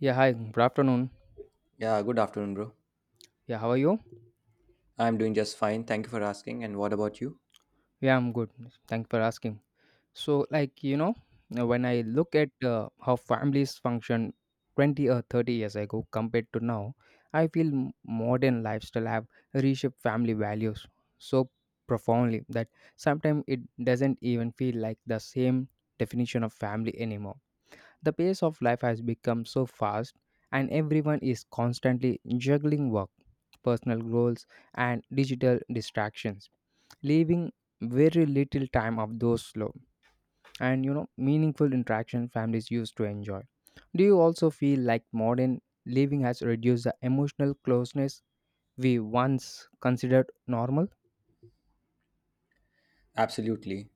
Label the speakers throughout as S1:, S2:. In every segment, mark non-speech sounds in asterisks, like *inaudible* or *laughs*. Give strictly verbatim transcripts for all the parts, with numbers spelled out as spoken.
S1: Yeah, hi, good afternoon.
S2: Yeah, good afternoon, bro.
S1: Yeah, how are you?
S2: I'm doing just fine. Thank you for asking. And what about you?
S1: Yeah, I'm good. Thank you for asking. So, like, you know, uh, when I look at uh, how families function twenty or thirty years ago compared to now, I feel m- modern lifestyle have reshaped family values so profoundly that sometimes it doesn't even feel like the same definition of family anymore. The pace of life has become so fast, and everyone is constantly juggling work, personal goals, and digital distractions, leaving very little time of those slow and you know meaningful interaction families used to enjoy. Do you also feel like modern living has reduced the emotional closeness we once considered normal?
S2: Absolutely.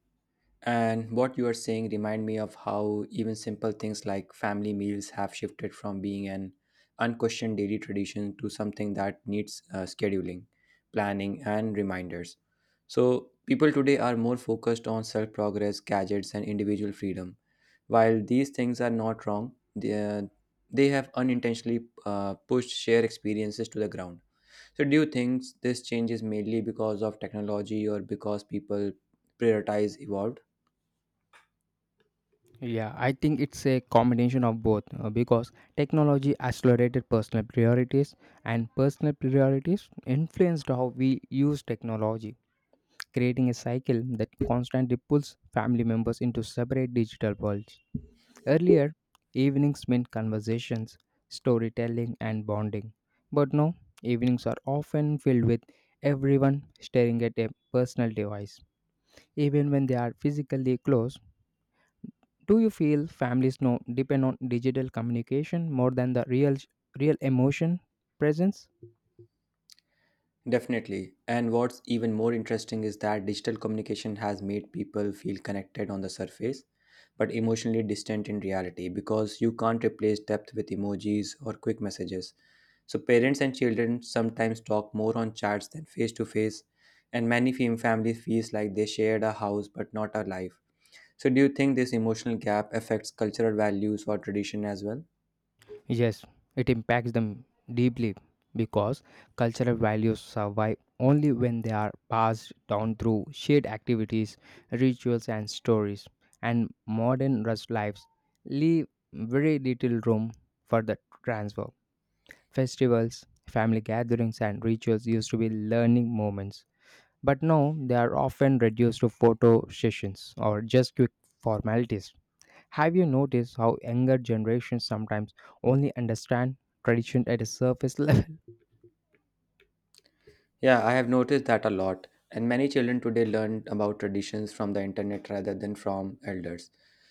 S2: And what you are saying remind me of how even simple things like family meals have shifted from being an unquestioned daily tradition to something that needs uh, scheduling, planning, and reminders. So people today are more focused on self-progress, gadgets, and individual freedom. While these things are not wrong, they, they have unintentionally uh, pushed shared experiences to the ground. So, do you think this change is mainly because of technology or because people prioritize evolved?
S1: Yeah, I think it's a combination of both uh, because technology accelerated personal priorities and personal priorities influenced how we use technology, creating a cycle that constantly pulls family members into separate digital worlds. Earlier, evenings meant conversations, storytelling, and bonding. But now, evenings are often filled with everyone staring at a personal device, even when they are physically close. Do you feel families now depend on digital communication more than the real real emotion presence?
S2: Definitely. And what's even more interesting is that digital communication has made people feel connected on the surface, but emotionally distant in reality because you can't replace depth with emojis or quick messages. So, parents and children sometimes talk more on chats than face to face, and many fam- families feels like they shared a house but not a life. So, do you think this emotional gap affects cultural values or tradition as well?
S1: Yes, it impacts them deeply because cultural values survive only when they are passed down through shared activities, rituals, and stories. And modern rush lives leave very little room for the transfer. Festivals, family gatherings, and rituals used to be learning moments, but now they are often reduced to photo sessions or just quick formalities. Have you noticed how younger generations sometimes only understand tradition at a surface level? *laughs*
S2: Yeah, I have noticed that a lot. And many children today learn about traditions from the internet rather than from elders.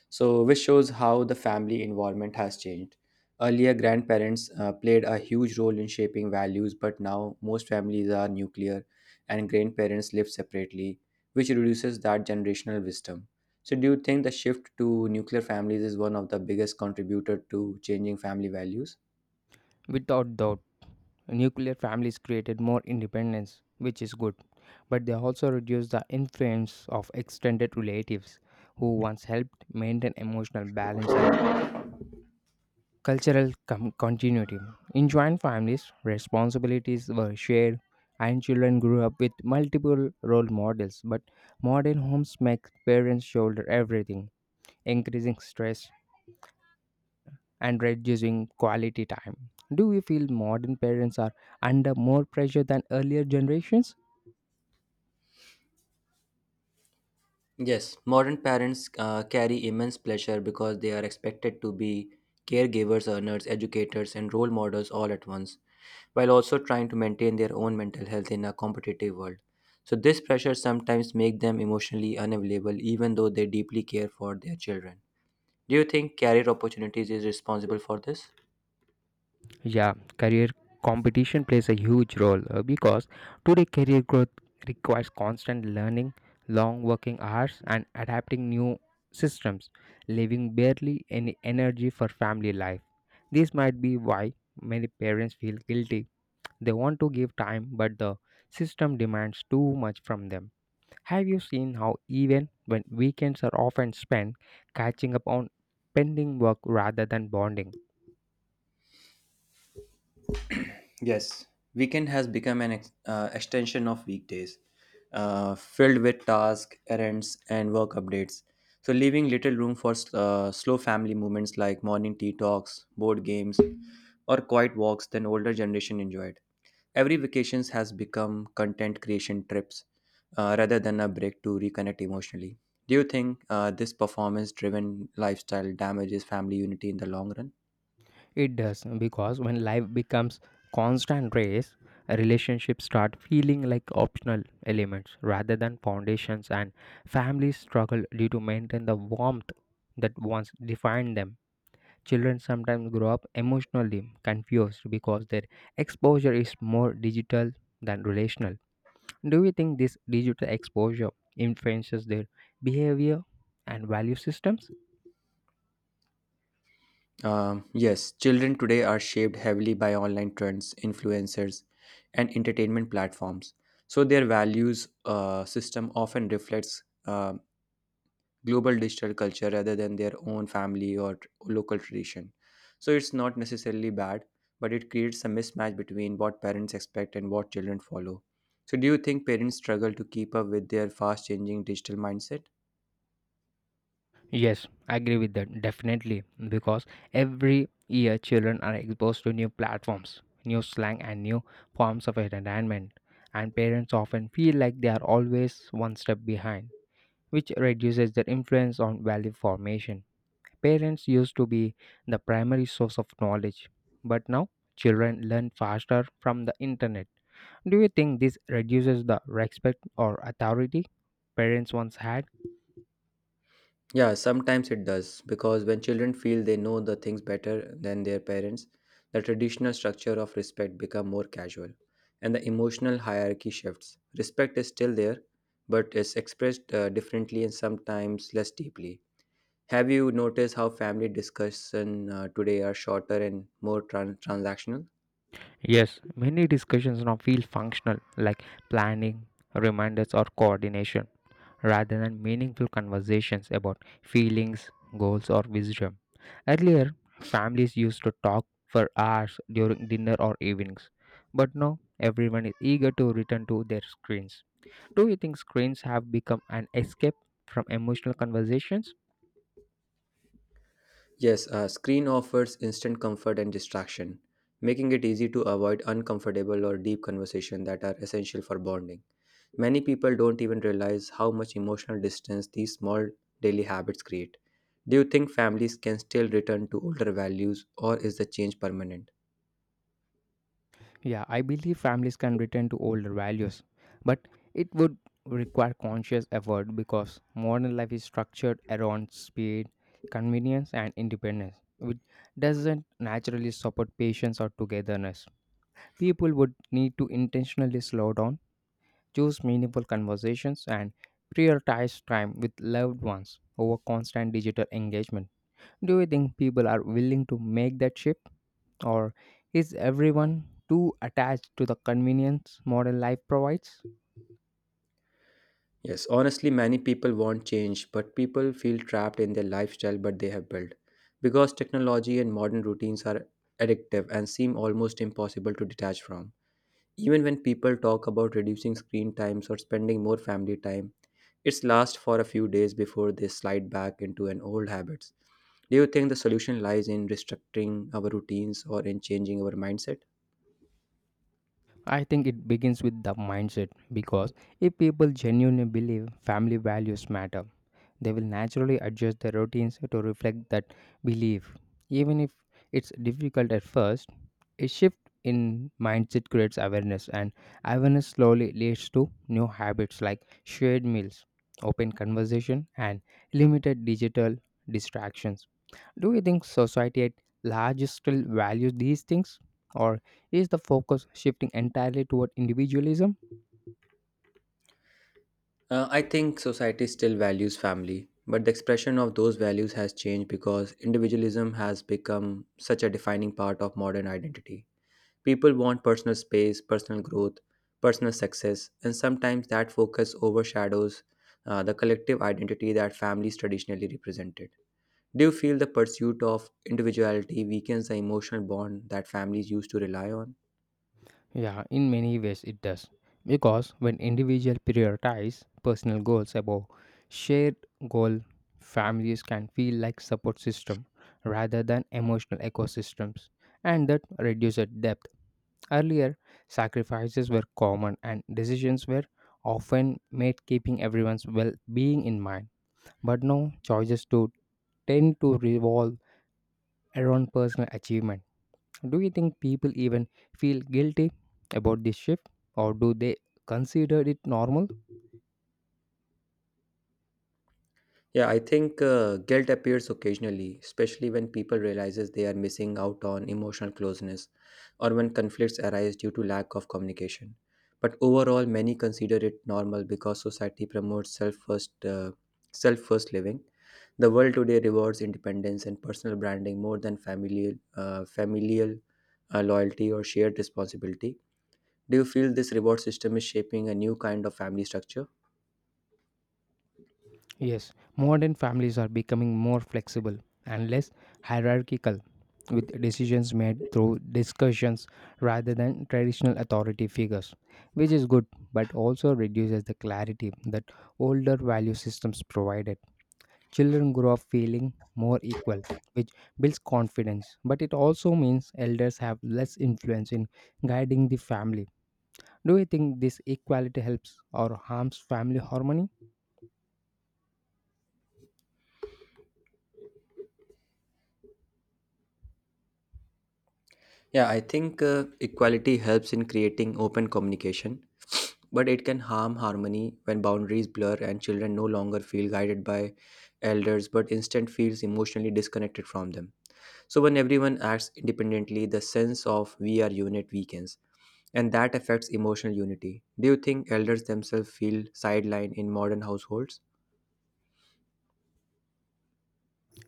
S2: So, which shows how the family environment has changed. Earlier, grandparents uh, played a huge role in shaping values, but now most families are nuclear and grandparents live separately, which reduces that generational wisdom. So, do you think the shift to nuclear families is one of the biggest contributor to changing family values?
S1: Without doubt, nuclear families created more independence, which is good, but they also reduced the influence of extended relatives who once helped maintain emotional balance and cultural com- continuity. In joint families, responsibilities were shared and children grew up with multiple role models, but modern homes make parents shoulder everything, increasing stress and reducing quality time. Do you feel modern parents are under more pressure than earlier generations?
S2: Yes, modern parents uh, carry immense pleasure because they are expected to be caregivers, earners, educators, and role models all at once, while also trying to maintain their own mental health in a competitive world. So this pressure sometimes makes them emotionally unavailable even though they deeply care for their children. Do you think career opportunities is responsible for this?
S1: Yeah, career competition plays a huge role uh, because today career growth requires constant learning, long working hours, and adapting new systems, leaving barely any energy for family life. This might be why many parents feel guilty. They want to give time, but the system demands too much from them. Have you seen how, even when weekends are often spent catching up on pending work rather than bonding?
S2: Yes, weekend has become an ex- uh, extension of weekdays, uh, filled with tasks, errands, and work updates. So, leaving little room for s- uh, slow family moments like morning tea talks, board games, or quiet walks than older generation enjoyed. Every vacations has become content creation trips uh, rather than a break to reconnect emotionally. Do you think uh, this performance-driven lifestyle damages family unity in the long run?
S1: It does because when life becomes constant race, relationships start feeling like optional elements rather than foundations, and families struggle due to maintain the warmth that once defined them. Children sometimes grow up emotionally confused because their exposure is more digital than relational. Do you think this digital exposure influences their behavior and value systems?
S2: Um, yes, children today are shaped heavily by online trends, influencers, and entertainment platforms. So their values uh, system often reflects uh, global digital culture rather than their own family or t- local tradition. So it's not necessarily bad, but it creates a mismatch between what parents expect and what children follow. So do you think parents struggle to keep up with their fast changing digital mindset?
S1: Yes, I agree with that definitely because every year children are exposed to new platforms, new slang, and new forms of entertainment, and parents often feel like they are always one step behind, which reduces their influence on value formation. Parents used to be the primary source of knowledge, but now children learn faster from the internet. Do you think this reduces the respect or authority parents once had?
S2: Yeah, sometimes it does, because when children feel they know the things better than their parents, the traditional structure of respect become more casual, and the emotional hierarchy shifts. Respect is still there, but is expressed uh, differently and sometimes less deeply. Have you noticed how family discussion uh, today are shorter and more tran- transactional?
S1: Yes, many discussions now feel functional, like planning, reminders, or coordination, rather than meaningful conversations about feelings, goals, or wisdom. Earlier, families used to talk for hours during dinner or evenings, but now everyone is eager to return to their screens. Do you think screens have become an escape from emotional conversations?
S2: Yes, a screen offers instant comfort and distraction, making it easy to avoid uncomfortable or deep conversation that are essential for bonding. Many people don't even realize how much emotional distance these small daily habits create. Do you think families can still return to older values or is the change permanent?
S1: Yeah, I believe families can return to older values, but it would require conscious effort because modern life is structured around speed, convenience, and independence, which doesn't naturally support patience or togetherness. People would need to intentionally slow down. Choose meaningful conversations and prioritize time with loved ones over constant digital engagement. Do you think people are willing to make that shift? Or is everyone too attached to the convenience modern life provides?
S2: Yes, honestly, many people want change, but people feel trapped in their lifestyle but they have built. Because technology and modern routines are addictive and seem almost impossible to detach from. Even when people talk about reducing screen times or spending more family time, it's lasts for a few days before they slide back into an old habits. Do you think the solution lies in restructuring our routines or in changing our mindset?
S1: I think it begins with the mindset because if people genuinely believe family values matter, they will naturally adjust their routines to reflect that belief. Even if it's difficult at first, a shift in mindset creates awareness, and awareness slowly leads to new habits like shared meals, open conversation, and limited digital distractions. Do you think society at large still values these things? Or is the focus shifting entirely toward individualism?
S2: Uh, I think society still values family, but the expression of those values has changed because individualism has become such a defining part of modern identity. People want personal space, personal growth, personal success, and sometimes that focus overshadows uh, the collective identity that families traditionally represented. Do you feel the pursuit of individuality weakens the emotional bond that families used to rely on?
S1: Yeah, in many ways it does. Because when individuals prioritize personal goals above shared goal, families can feel like support system rather than emotional ecosystems, and that reduces depth. Earlier, sacrifices were common and decisions were often made keeping everyone's well-being in mind. But now, choices to tend to revolve around personal achievement. Do you think people even feel guilty about this shift, or do they consider it normal?
S2: Yeah, I think uh, guilt appears occasionally, especially when people realizes they are missing out on emotional closeness or when conflicts arise due to lack of communication. But overall, many consider it normal because society promotes self-first uh, self-first living. The world today rewards independence and personal branding more than familial uh, familial uh, loyalty or shared responsibility. Do you feel this reward system is shaping a new kind of family structure?
S1: Yes, modern families are becoming more flexible and less hierarchical, with decisions made through discussions rather than traditional authority figures, which is good but also reduces the clarity that older value systems provided. Children grow up feeling more equal, which builds confidence, but it also means elders have less influence in guiding the family. Do you think this equality helps or harms family harmony?
S2: Yeah, I think uh, equality helps in creating open communication, but it can harm harmony when boundaries blur and children no longer feel guided by elders but instead feels emotionally disconnected from them. So when everyone acts independently, the sense of we are unit weakens and that affects emotional unity. Do you think elders themselves feel sidelined in modern households?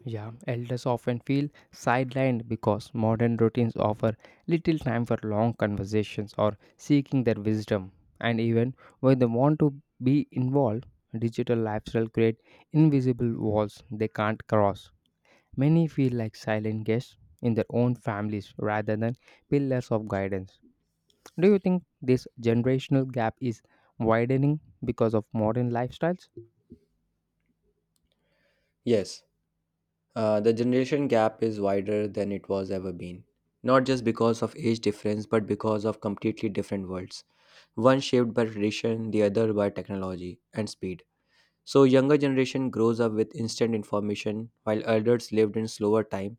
S1: Yeah, elders often feel sidelined because modern routines offer little time for long conversations or seeking their wisdom. And even when they want to be involved, digital lifestyle create invisible walls they can't cross. Many feel like silent guests in their own families rather than pillars of guidance. Do you think this generational gap is widening because of modern lifestyles?
S2: Yes, uh, the generation gap is wider than it was ever been, not just because of age difference but because of completely different worlds, one shaped by tradition, the other by technology and speed. So younger generation grows up with instant information while elders lived in slower time,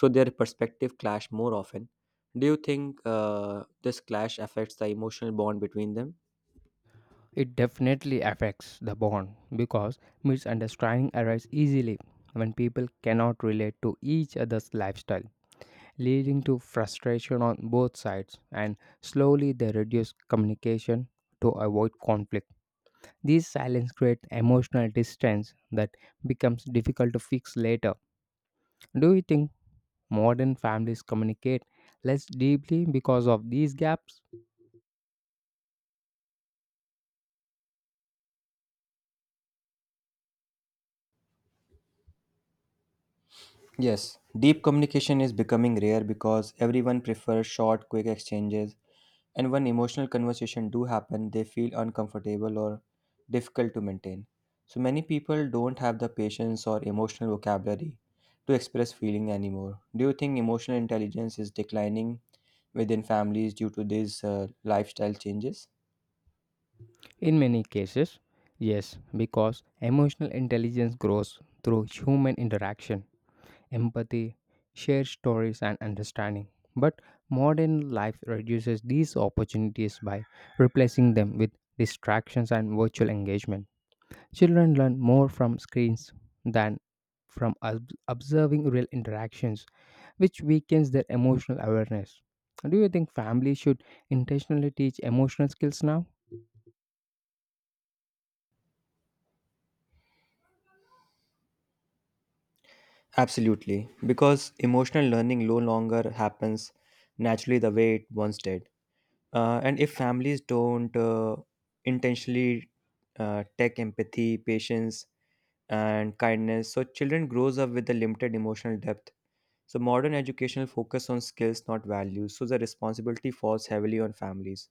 S2: so their perspective clash more often. Do you think uh, this clash affects the emotional bond between them?
S1: It definitely affects the bond because misunderstanding arises easily when people cannot relate to each other's lifestyle, leading to frustration on both sides, and slowly they reduce communication to avoid conflict. These silence create emotional distance that becomes difficult to fix later. Do you think modern families communicate less deeply because of these gaps?
S2: Yes, deep communication is becoming rare because everyone prefers short, quick exchanges, and when emotional conversations do happen, they feel uncomfortable or difficult to maintain. So many people don't have the patience or emotional vocabulary to express feeling anymore. Do you think emotional intelligence is declining within families due to these uh, lifestyle changes?
S1: In many cases, yes, because emotional intelligence grows through human interaction, empathy, shared stories, and understanding. But modern life reduces these opportunities by replacing them with distractions and virtual engagement. Children learn more from screens than from ob- observing real interactions, which weakens their emotional awareness. Do you think families should intentionally teach emotional skills now?
S2: Absolutely, because emotional learning no longer happens naturally the way it once did. Uh, and if families don't uh, intentionally uh, take empathy, patience, and kindness, so children grows up with a limited emotional depth. So modern educational focus on skills, not values. So the responsibility falls heavily on families.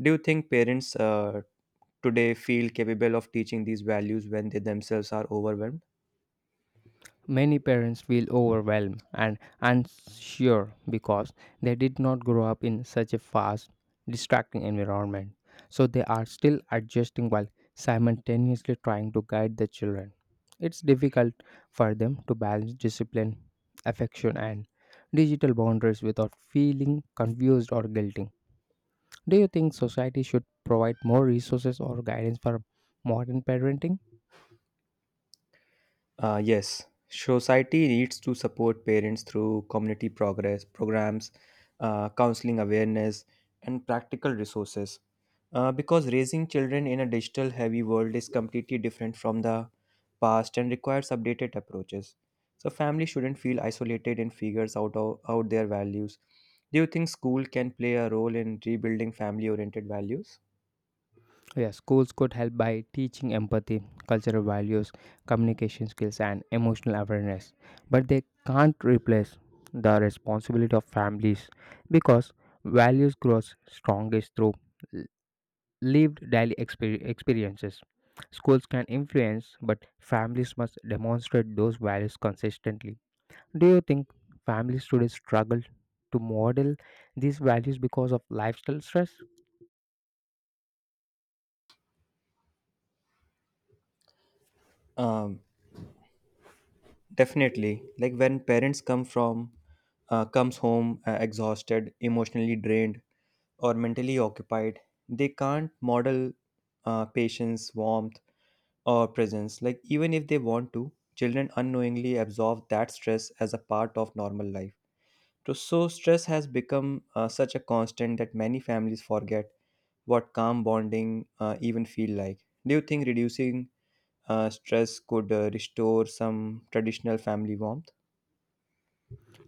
S2: Do you think parents uh, today feel capable of teaching these values when they themselves are overwhelmed?
S1: Many parents feel overwhelmed and unsure because they did not grow up in such a fast, distracting environment. So they are still adjusting while simultaneously trying to guide the children. It's difficult for them to balance discipline, affection, and digital boundaries without feeling confused or guilty. Do you think society should provide more resources or guidance for modern parenting?
S2: Uh, yes, society needs to support parents through community progress programs, uh, counseling awareness, and practical resources. Uh, because raising children in a digital heavy world is completely different from the past and requires updated approaches. So, families shouldn't feel isolated and figures out, o- out their values. Do you think school can play a role in rebuilding family oriented values?
S1: Yeah, schools could help by teaching empathy, cultural values, communication skills, and emotional awareness. But they can't replace the responsibility of families because values grow strongest through l- lived daily exper- experiences. Schools can influence, but families must demonstrate those values consistently. Do you think families today struggle to model these values because of lifestyle stress?
S2: Um, Definitely, like when parents come from uh, comes home uh, exhausted, emotionally drained, or mentally occupied, they can't model uh, patience, warmth, or presence. Like even if they want to, children unknowingly absorb that stress as a part of normal life. So, so stress has become uh, such a constant that many families forget what calm bonding uh, even feel like. Do you think reducing uh, stress could uh, restore some traditional family warmth?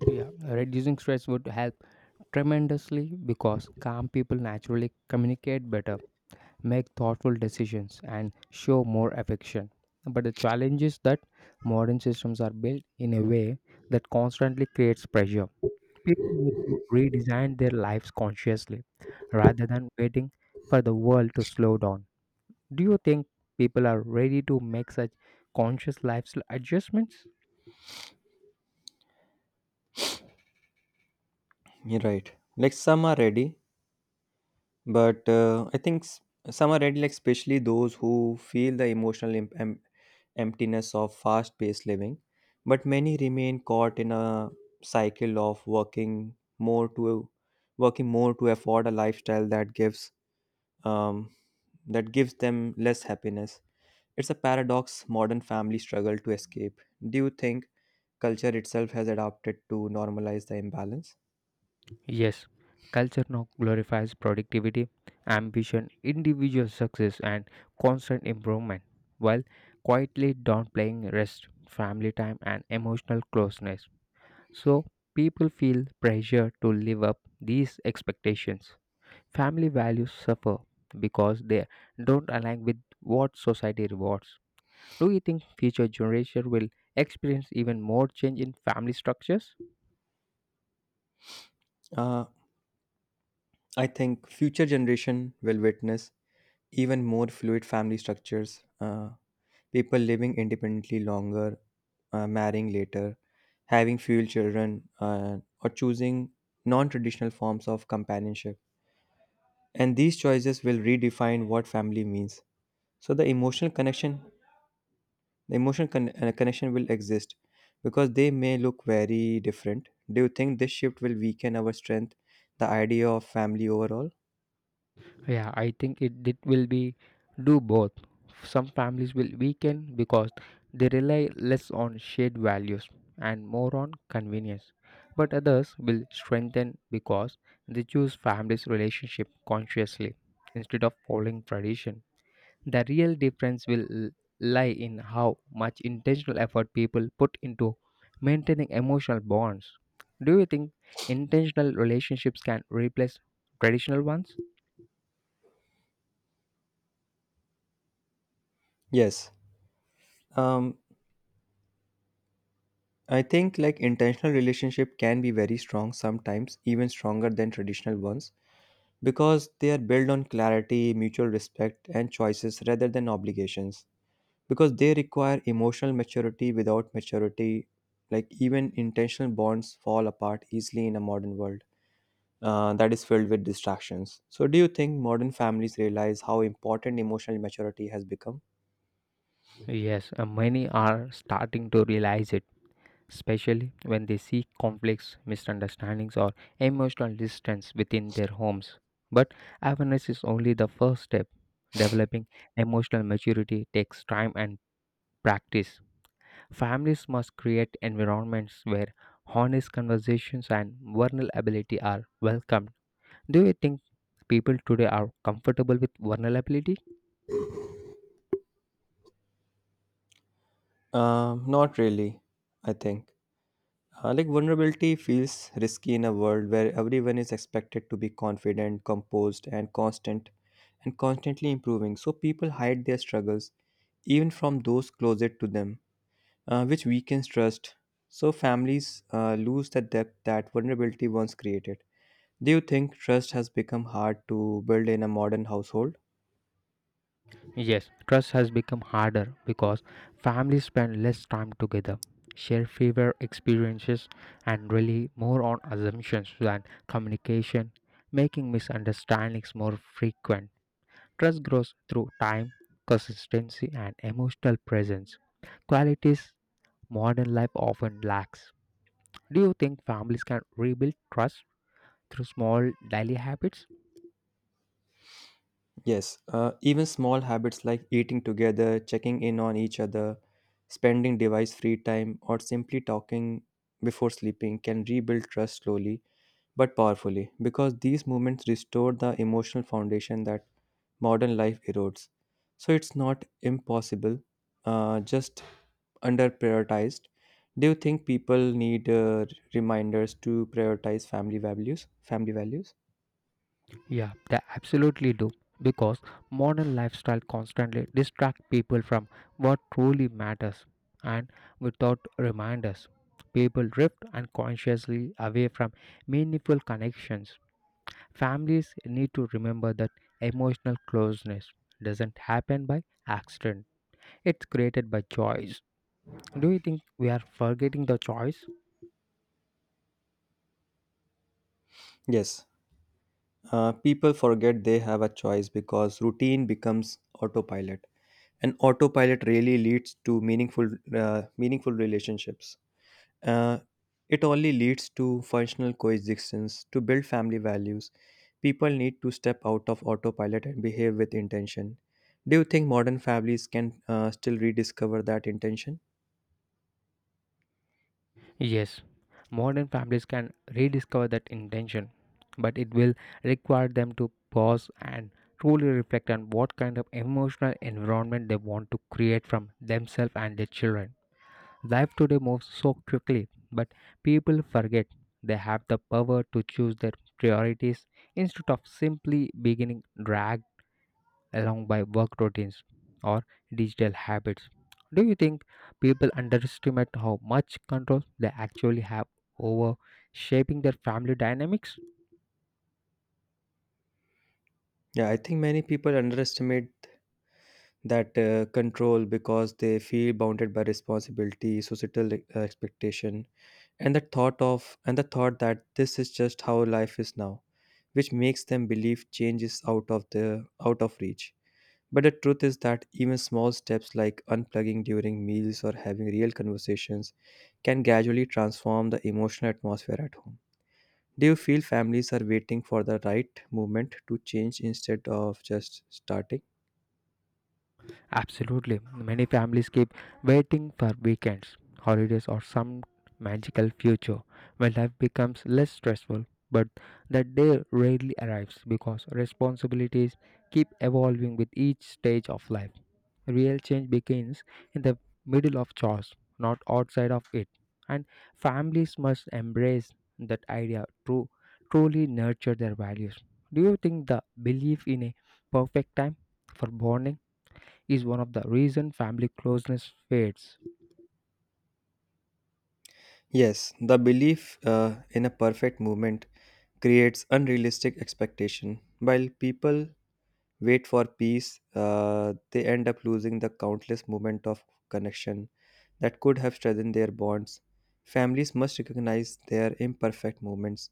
S1: Yeah, reducing stress would help tremendously because calm people naturally communicate better, make thoughtful decisions, and show more affection. But the challenge is that modern systems are built in a way that constantly creates pressure. People need to redesign their lives consciously rather than waiting for the world to slow down. Do you think people are ready to make such conscious lifestyle adjustments?
S2: You're right. Like some are ready, but uh, I think s- some are ready, like especially those who feel the emotional em- em- emptiness of fast-paced living. But many remain caught in a cycle of working more to working more to afford a lifestyle that gives um, that gives them less happiness. It's a paradox modern families struggle to escape. Do you think culture itself has adapted to normalize the imbalance?
S1: Yes, culture now glorifies productivity, ambition, individual success, and constant improvement, while quietly downplaying rest, family time, and emotional closeness. So, people feel pressure to live up these expectations. Family values suffer because they don't align with what society rewards. Do you think future generation will experience even more change in family structures?
S2: Uh, I think future generation will witness even more fluid family structures, uh, people living independently longer, uh, marrying later, having few children, uh, or choosing non-traditional forms of companionship. And these choices will redefine what family means. So the emotional connection, the emotional con- uh, connection will exist because they may look very different. Do you think this shift will weaken our strength, the idea of family overall?
S1: Yeah, I think it, it will be do both. Some families will weaken because they rely less on shared values and more on convenience. But others will strengthen because they choose family's relationship consciously instead of following tradition. The real difference will l- lie in how much intentional effort people put into maintaining emotional bonds. Do you think intentional relationships can replace traditional ones?
S2: Yes. Um, I think like intentional relationship can be very strong sometimes, even stronger than traditional ones, because they are built on clarity, mutual respect, and choices rather than obligations. Because they require emotional maturity. Without maturity, like even intentional bonds fall apart easily in a modern world uh, that is filled with distractions. So, do you think modern families realize how important emotional maturity has become?
S1: Yes, uh, many are starting to realize it, especially when they see conflicts, misunderstandings, or emotional distance within their homes. But awareness is only the first step. Developing emotional maturity takes time and practice. Families must create environments where honest conversations and vulnerability are welcomed. Do you think people today are comfortable with vulnerability?
S2: Um, not really, I think. Uh, like vulnerability feels risky in a world where everyone is expected to be confident, composed, and constant, and constantly improving. So people hide their struggles, even from those closest to them, uh, which weakens trust. So families uh, lose the depth that vulnerability once created. Do you think trust has become hard to build in a modern household?
S1: Yes, trust has become harder because families spend less time together, share fewer experiences, and rely more on assumptions than communication, making misunderstandings more frequent. Trust grows through time, consistency, and emotional presence, qualities modern life often lacks. Do you think families can rebuild trust through small daily habits?
S2: Yes, uh, even small habits like eating together, checking in on each other, spending device free time, or simply talking before sleeping can rebuild trust slowly but powerfully because these movements restore the emotional foundation that modern life erodes. So it's not impossible, uh, just under prioritized. Do you think people need uh, reminders to prioritize family values? Family values?
S1: Yeah, they absolutely do. Because modern lifestyle constantly distract people from what truly matters, and without reminders, people drift unconsciously away from meaningful connections. Families need to remember that emotional closeness doesn't happen by accident. It's created by choice. Do you think we are forgetting the choice?
S2: Yes. Uh, people forget they have a choice because routine becomes autopilot, and autopilot really leads to meaningful, uh, meaningful relationships. Uh, it only leads to functional coexistence. To build family values, people need to step out of autopilot and behave with intention. Do you think modern families can uh, still rediscover that intention?
S1: Yes, modern families can rediscover that intention, but it will require them to pause and truly reflect on what kind of emotional environment they want to create from themselves and their children. Life today moves so quickly, but people forget they have the power to choose their priorities instead of simply beginning drag along by work routines or digital habits. Do you think people underestimate how much control they actually have over shaping their family dynamics?
S2: Yeah, I think many people underestimate that uh, control because they feel bounded by responsibility societal uh, expectation and the thought of and the thought that this is just how life is now, which makes them believe change is out of the out of reach. But the truth is that even small steps like unplugging during meals or having real conversations can gradually transform the emotional atmosphere at home. Do you feel families are waiting for the right moment to change instead of just starting?
S1: Absolutely. Many families keep waiting for weekends, holidays, or some magical future when life becomes less stressful. But that day rarely arrives because responsibilities keep evolving with each stage of life. Real change begins in the middle of chores, not outside of it. And families must embrace that idea to truly nurture their values. Do you think the belief in a perfect time for bonding is one of the reason family closeness fades?
S2: Yes, the belief uh, in a perfect movement creates unrealistic expectation. While people wait for peace, uh, they end up losing the countless moment of connection that could have strengthened their bonds. Families must recognize their imperfect moments,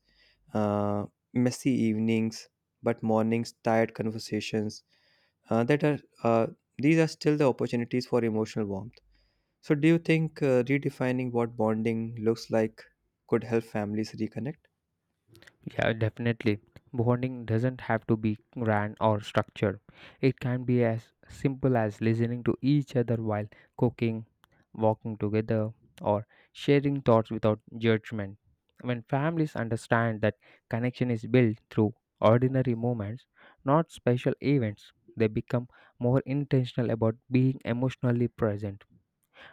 S2: uh, messy evenings, but mornings, tired conversations. Uh, that are uh, These are still the opportunities for emotional warmth. So, do you think uh, redefining what bonding looks like could help families reconnect?
S1: Yeah, definitely. Bonding doesn't have to be grand or structured. It can be as simple as listening to each other while cooking, walking together, or sharing thoughts without judgment. When families understand that connection is built through ordinary moments, not special events, they become more intentional about being emotionally present.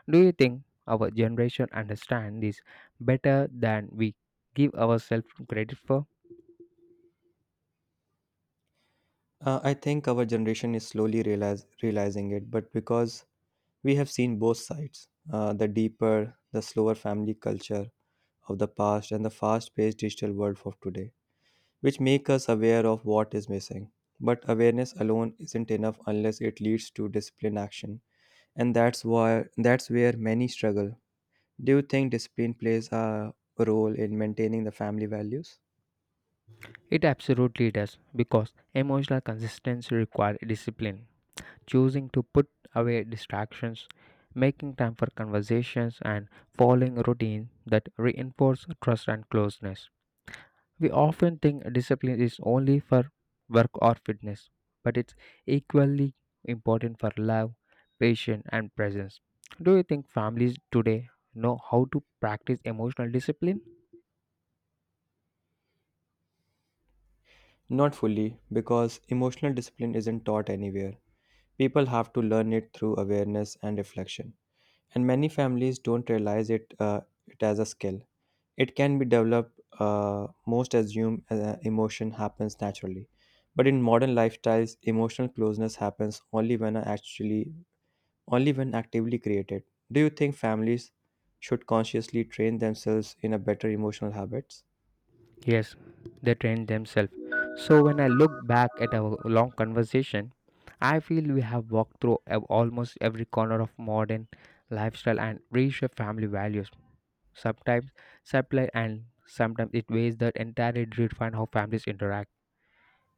S1: Do you think our generation understands this better than we give ourselves credit for?
S2: Uh, I think our generation is slowly realize, realizing it, but because we have seen both sides, uh, the deeper, the slower family culture of the past and the fast paced digital world of today, which make us aware of what is missing. But awareness alone isn't enough unless it leads to disciplined action. And that's why that's where many struggle. Do you think discipline plays a role in maintaining the family values?
S1: It absolutely does because emotional consistency requires discipline, choosing to put away distractions, making time for conversations, and following routines that reinforce trust and closeness. We often think discipline is only for work or fitness, but it's equally important for love, patience, and presence. Do you think families today know how to practice emotional discipline?
S2: Not fully, because emotional discipline isn't taught anywhere. People have to learn it through awareness and reflection. And many families don't realize it, uh, it as a skill. It can be developed, uh, most assume uh, emotion happens naturally. But in modern lifestyles, emotional closeness happens only when I actually only when actively created. Do you think families should consciously train themselves in a better emotional habits?
S1: Yes, they train themselves. So when I look back at our long conversation, I feel we have walked through a- almost every corner of modern lifestyle and reshaped family values. Sometimes supply and sometimes it ways that entirely redefine how families interact.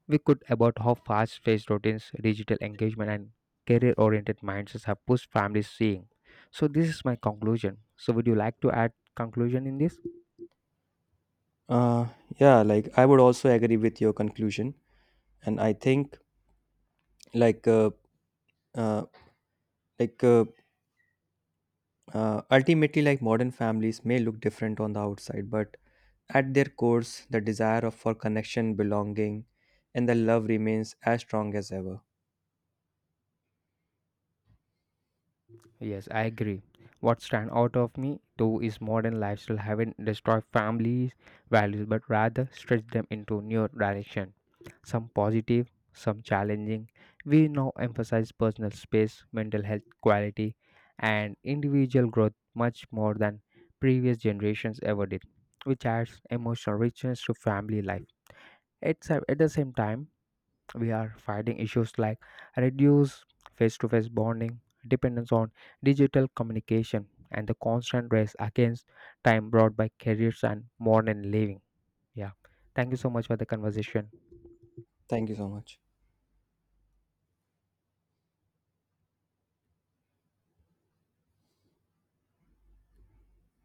S1: We could about how fast-paced routines, digital engagement, and career-oriented mindsets have pushed families seeing. So this is my conclusion. So would you like to add conclusion in this?
S2: Uh, yeah, like I would also agree with your conclusion, and I think like uh, uh, like uh, uh, ultimately like modern families may look different on the outside, but at their cores, the desire of for connection, belonging, and the love remains as strong as ever.
S1: Yes, I agree. What stands out of me though is modern lifestyle haven't destroyed families' values but rather stretched them into new direction. Some positive, some challenging. We now emphasize personal space, mental health quality, and individual growth much more than previous generations ever did, which adds emotional richness to family life. It's at the same time we are fighting issues like reduced face to face bonding, dependence on digital communication, and the constant race against time brought by careers and modern living. Yeah. Thank you so much for the conversation.
S2: Thank you so much.